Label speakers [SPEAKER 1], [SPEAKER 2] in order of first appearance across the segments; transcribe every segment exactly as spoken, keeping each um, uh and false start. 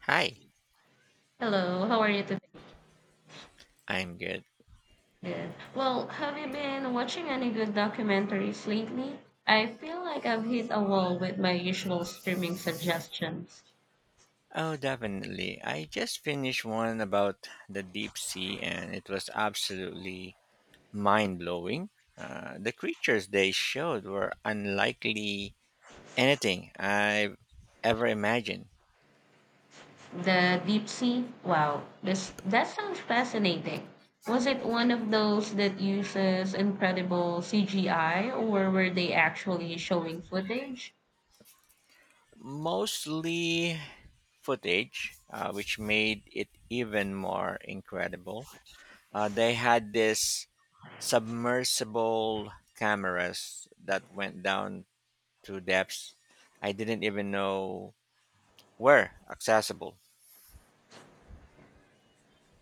[SPEAKER 1] Hi,
[SPEAKER 2] Hello, how are you today?
[SPEAKER 1] I'm good.
[SPEAKER 2] Good. Well, have you been watching any good documentaries lately? I feel like I've hit a wall with my usual streaming suggestions.
[SPEAKER 1] Oh, definitely. I just finished one about the deep sea, and it was absolutely mind blowing. Uh, the creatures they showed were unlikely anything I've ever imagined.
[SPEAKER 2] The Deep Sea? Wow, this that sounds fascinating. Was it one of those that uses incredible C G I or were they actually showing footage?
[SPEAKER 1] Mostly footage, uh, which made it even more incredible. Uh, they had this submersible cameras that went down to depths I didn't even know were accessible.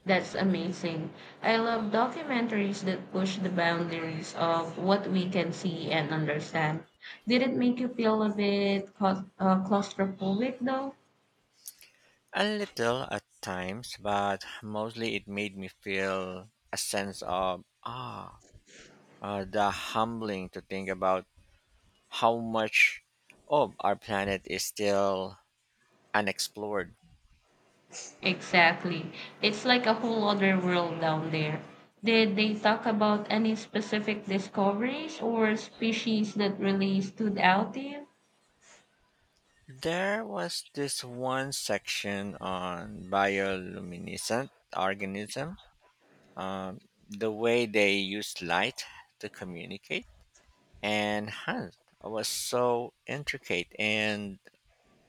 [SPEAKER 2] That's amazing. I love documentaries that push the boundaries of what we can see and understand. Did it make you feel a bit claus- uh, claustrophobic though?
[SPEAKER 1] A little at times, but mostly it made me feel a sense of ah, uh, the humbling to think about how much of our planet is still unexplored.
[SPEAKER 2] Exactly. It's like a whole other world down there. Did they talk about any specific discoveries or species that really stood out to you?
[SPEAKER 1] There was this one section on bioluminescent organism, um, the way they use light to communicate, and hunt was so intricate and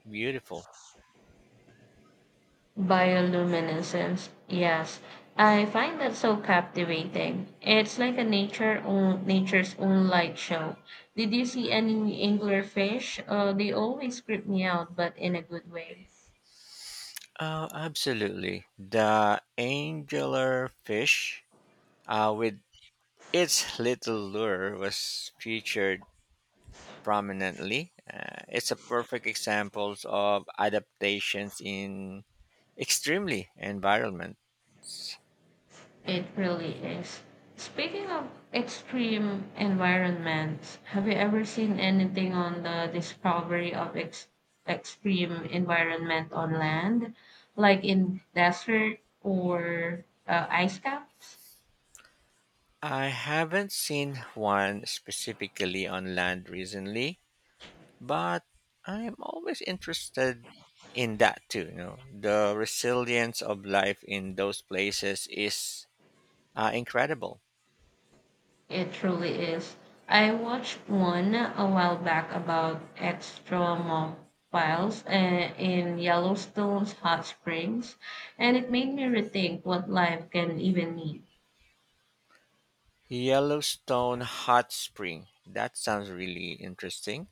[SPEAKER 1] beautiful.
[SPEAKER 2] Bioluminescence, yes. I find that so captivating. It's like a nature own, nature's own light show. Did you see any anglerfish? Uh, they always creep me out, but in a good way.
[SPEAKER 1] Oh, absolutely. The angular fish uh, with its little lure was featured prominently. Uh, it's a perfect example of adaptations in extremely environments.
[SPEAKER 2] It really is. Speaking of extreme environments, have you ever seen anything on the discovery of ex- extreme environment on land, like in desert or uh, ice caps?
[SPEAKER 1] I haven't seen one specifically on land recently, but I'm always interested in that too. You know, the resilience of life in those places is uh, incredible.
[SPEAKER 2] It truly is. I watched one a while back about extremophiles uh, in Yellowstone's hot springs, and it made me rethink what life can even mean.
[SPEAKER 1] Yellowstone Hot Spring. That sounds really interesting.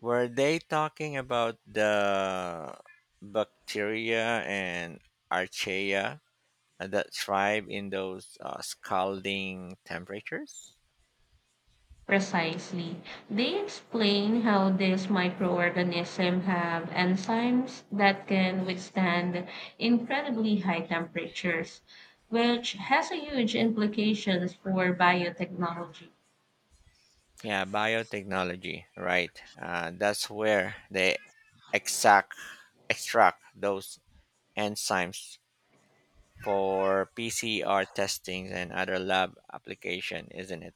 [SPEAKER 1] Were they talking about the bacteria and archaea, uh, that thrive in those uh, scalding temperatures?
[SPEAKER 2] Precisely. They explain how these microorganisms have enzymes that can withstand incredibly high temperatures, which has a huge implications for biotechnology.
[SPEAKER 1] Yeah, biotechnology, right. Uh, that's where they exact, extract those enzymes for P C R testings and other lab application, isn't it?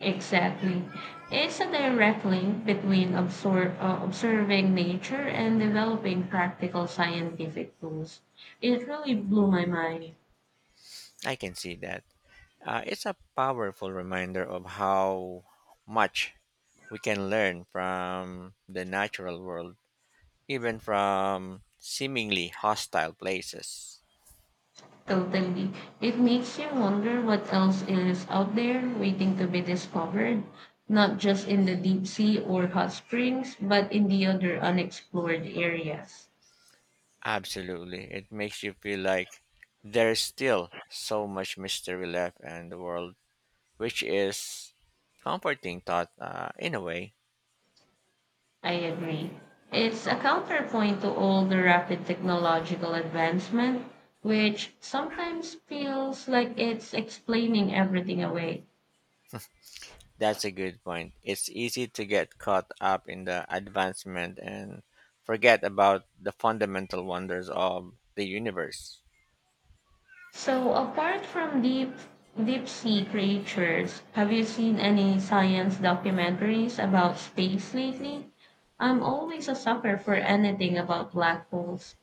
[SPEAKER 2] Exactly. It's a direct link between absor- uh, observing nature and developing practical scientific tools. It really blew my mind.
[SPEAKER 1] I can see that. Uh, it's a powerful reminder of how much we can learn from the natural world, even from seemingly hostile places.
[SPEAKER 2] Totally. It makes you wonder what else is out there waiting to be discovered, not just in the deep sea or hot springs, but in the other unexplored areas.
[SPEAKER 1] Absolutely. It makes you feel like there's still so much mystery left in the world, which is comforting thought uh, in a way.
[SPEAKER 2] I agree. It's a counterpoint to all the rapid technological advancement, which sometimes feels like it's explaining everything away.
[SPEAKER 1] That's a good point. It's easy to get caught up in the advancement and forget about the fundamental wonders of the universe.
[SPEAKER 2] So, apart from deep deep sea creatures, have you seen any science documentaries about space lately? I'm always a sucker for anything about black holes.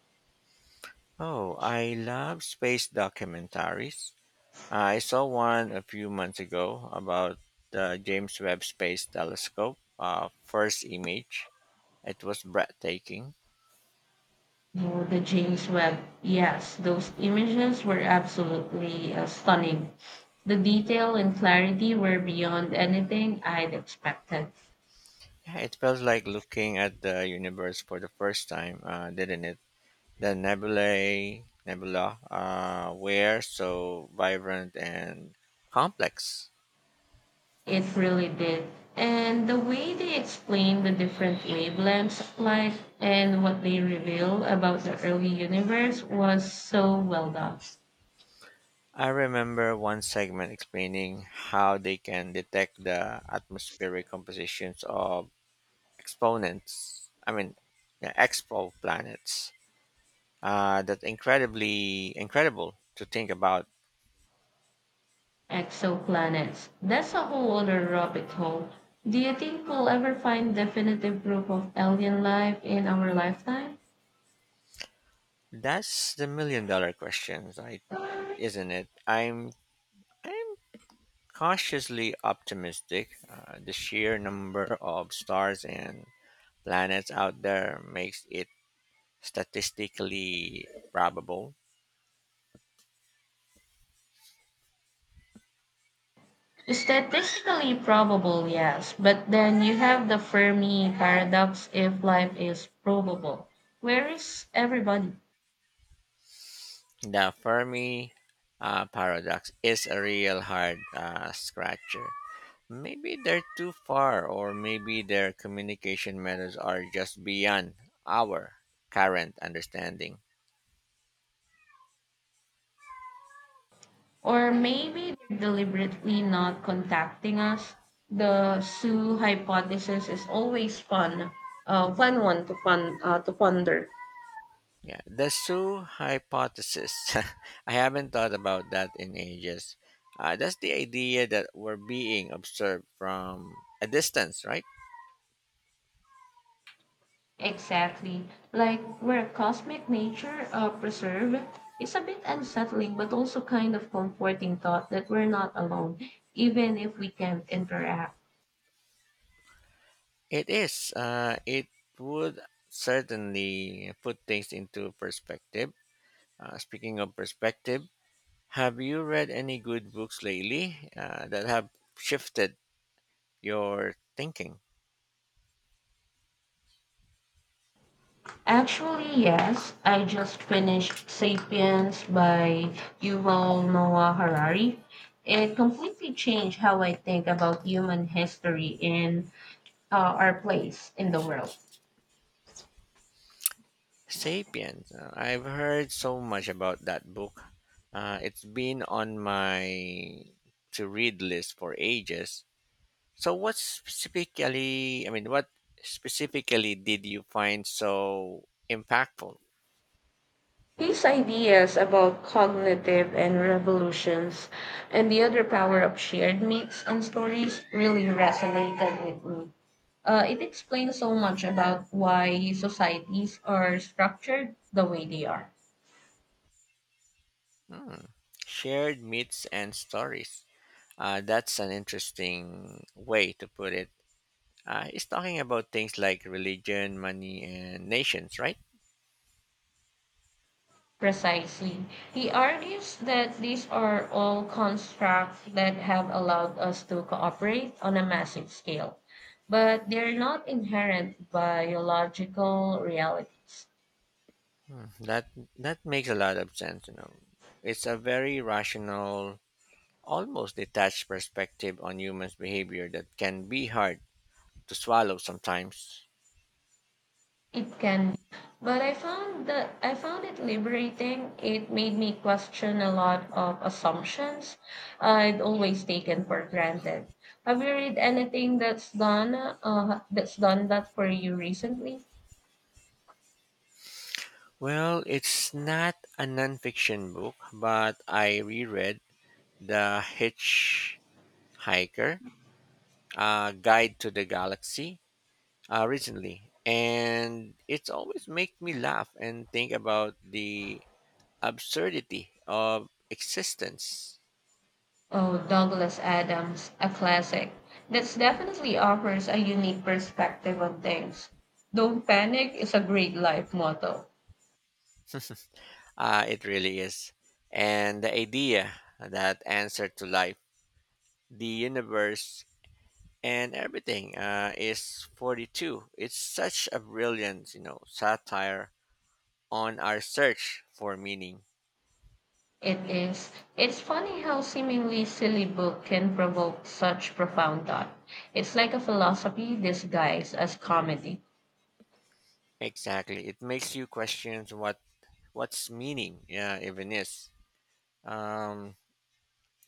[SPEAKER 1] Oh, I love space documentaries. I saw one a few months ago about the James Webb Space Telescope, uh, first image. It was breathtaking.
[SPEAKER 2] Oh, the James Webb. Yes, those images were absolutely uh, stunning. The detail and clarity were beyond anything I'd expected.
[SPEAKER 1] Yeah, it felt like looking at the universe for the first time, uh, didn't it? The nebulae, nebula uh, were so vibrant and complex.
[SPEAKER 2] It really did. And the way they explain the different wavelengths of light and what they reveal about the early universe was so well done.
[SPEAKER 1] I remember one segment explaining how they can detect the atmospheric compositions of exponents I mean yeah, exoplanets, uh, that's incredibly incredible to think about.
[SPEAKER 2] Exoplanets. That's a whole other rabbit hole. Do you think we'll ever find definitive proof of alien life in our lifetime?
[SPEAKER 1] That's the million dollar question, right, isn't it i'm i'm cautiously optimistic. Uh, the sheer number of stars and planets out there makes it statistically probable.
[SPEAKER 2] Statistically probable, yes, but then you have the Fermi paradox if life is probable. Where is everybody?
[SPEAKER 1] The fermi uh, paradox is a real hard uh, scratcher. Maybe they're too far, or maybe their communication methods are just beyond our current understanding.
[SPEAKER 2] Or maybe they're deliberately not contacting us. The Sue hypothesis is always fun, uh, fun one to fun uh, to ponder.
[SPEAKER 1] Yeah, the zoo hypothesis. I haven't thought about that in ages. Uh, that's the idea that we're being observed from a distance, right?
[SPEAKER 2] Exactly. Like where cosmic nature uh, preserved it's a bit unsettling, but also kind of comforting thought that we're not alone, even if we can't interact.
[SPEAKER 1] It is. Uh, it would certainly put things into perspective. Uh, speaking of perspective, have you read any good books lately uh, that have shifted your thinking.
[SPEAKER 2] Actually, yes. I just finished Sapiens by Yuval Noah Harari. It completely changed how I think about human history and uh, our place in the world.
[SPEAKER 1] Sapiens. Uh, I've heard so much about that book. Uh, it's been on my to read list for ages. So, what specifically, I mean, what specifically did you find so impactful?
[SPEAKER 2] His ideas about cognitive and revolutions and the other power of shared myths and stories really resonated with me. Uh, it explains so much about why societies are structured the way they are.
[SPEAKER 1] Hmm. Shared myths and stories. Uh, that's an interesting way to put it. Uh, it's talking about things like religion, money, and nations, right?
[SPEAKER 2] Precisely. He argues that these are all constructs that have allowed us to cooperate on a massive scale, but they're not inherent biological realities.
[SPEAKER 1] Hmm, That that makes a lot of sense, you know. It's a very rational, almost detached perspective on humans' behavior that can be hard to swallow sometimes.
[SPEAKER 2] It can be, but I found that I found it liberating. It made me question a lot of assumptions I'd always taken for granted. Have you read anything that's done uh, that's done that for you recently?
[SPEAKER 1] Well, it's not a nonfiction book, but I reread The Hitchhiker, a Guide to the Galaxy, uh, recently, and it's always make me laugh and think about the absurdity of existence.
[SPEAKER 2] Oh, Douglas Adams, a classic. That's definitely offers a unique perspective on things. Don't panic is a great life motto.
[SPEAKER 1] Uh, it really is. And the idea that answer to life, the universe, and everything uh, is forty-two. It's such a brilliant, you know, satire on our search for meaning.
[SPEAKER 2] It is. It's funny how seemingly silly book can provoke such profound thought. It's like a philosophy disguised as comedy.
[SPEAKER 1] Exactly. It makes you question what what's meaning uh, even is. Um,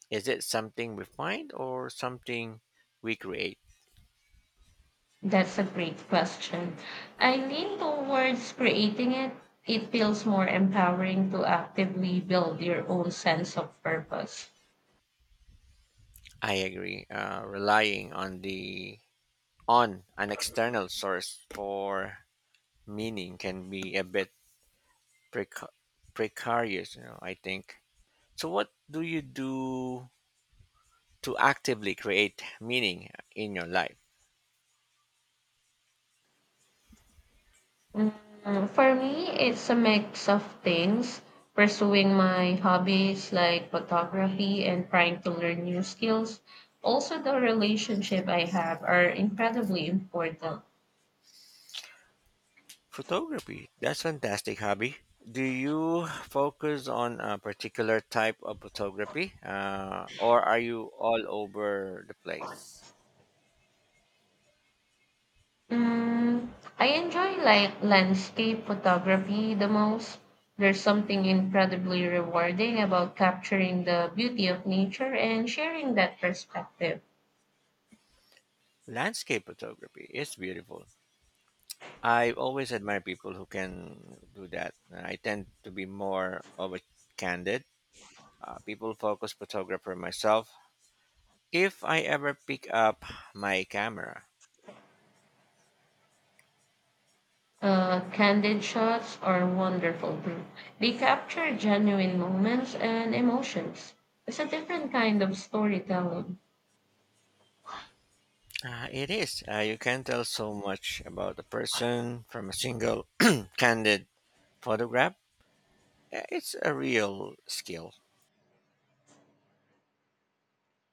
[SPEAKER 1] is it something we find or something we create?
[SPEAKER 2] That's a great question. I lean towards creating it. It feels more empowering to actively build your own sense of purpose.
[SPEAKER 1] I agree. Uh, relying on the on an external source for meaning can be a bit preca- precarious, you know, I think. So, what do you do to actively create meaning in your life?
[SPEAKER 2] Mm, For me, it's a mix of things pursuing my hobbies like photography and trying to learn new skills. Also, the relationship I have are incredibly important.
[SPEAKER 1] Photography, that's fantastic hobby. Do you focus on a particular type of photography, uh, or are you all over the place?
[SPEAKER 2] Mm, I enjoy like landscape photography the most. There's something incredibly rewarding about capturing the beauty of nature and sharing that perspective.
[SPEAKER 1] Landscape photography is beautiful. I always admire people who can do that. I tend to be more of a candid, uh, people focused photographer myself if I ever pick up my camera.
[SPEAKER 2] Uh, candid shots are wonderful too. They capture genuine moments and emotions. It's a different kind of storytelling.
[SPEAKER 1] Uh, it is. Uh, you can tell so much about a person from a single candid photograph. Uh, It's a real skill.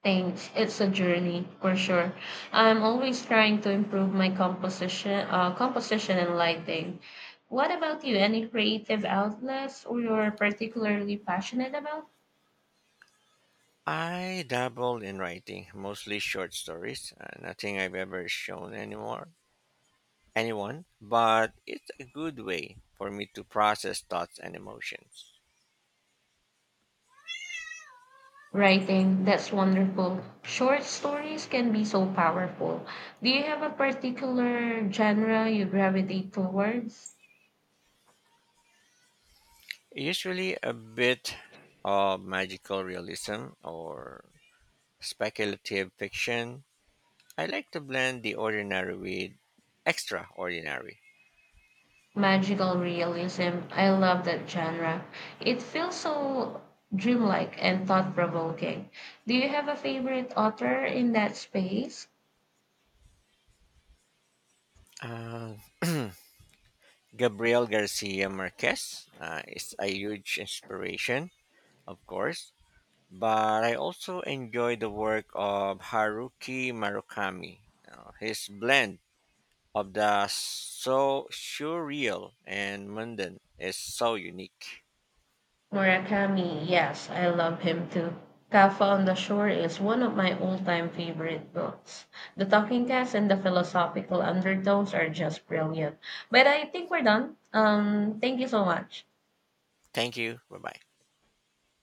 [SPEAKER 2] Thanks. It's a journey for sure. I'm always trying to improve my composition, uh, composition and lighting. What about you? Any creative outlets or you're particularly passionate about?
[SPEAKER 1] I dabbled in writing, mostly short stories. Uh, nothing I've ever shown anymore anyone, but it's a good way for me to process thoughts and emotions.
[SPEAKER 2] Writing, that's wonderful. Short stories can be so powerful. Do you have a particular genre you gravitate towards?
[SPEAKER 1] Usually a bit of magical realism or speculative fiction, I like to blend the ordinary with extraordinary.
[SPEAKER 2] Magical realism. I love that genre. It feels so dreamlike and thought provoking. Do you have a favorite author in that space?
[SPEAKER 1] Uh, Gabriel Garcia Marquez uh, is a huge inspiration, of course, but I also enjoy the work of Haruki Murakami. Uh, his blend of the so surreal and mundane is so unique.
[SPEAKER 2] Murakami, yes, I love him too. Kafka on the Shore is one of my all time favorite books. The talking cats and the philosophical undertones are just brilliant. But I think we're done. Um, thank you so much.
[SPEAKER 1] Thank you. Bye bye.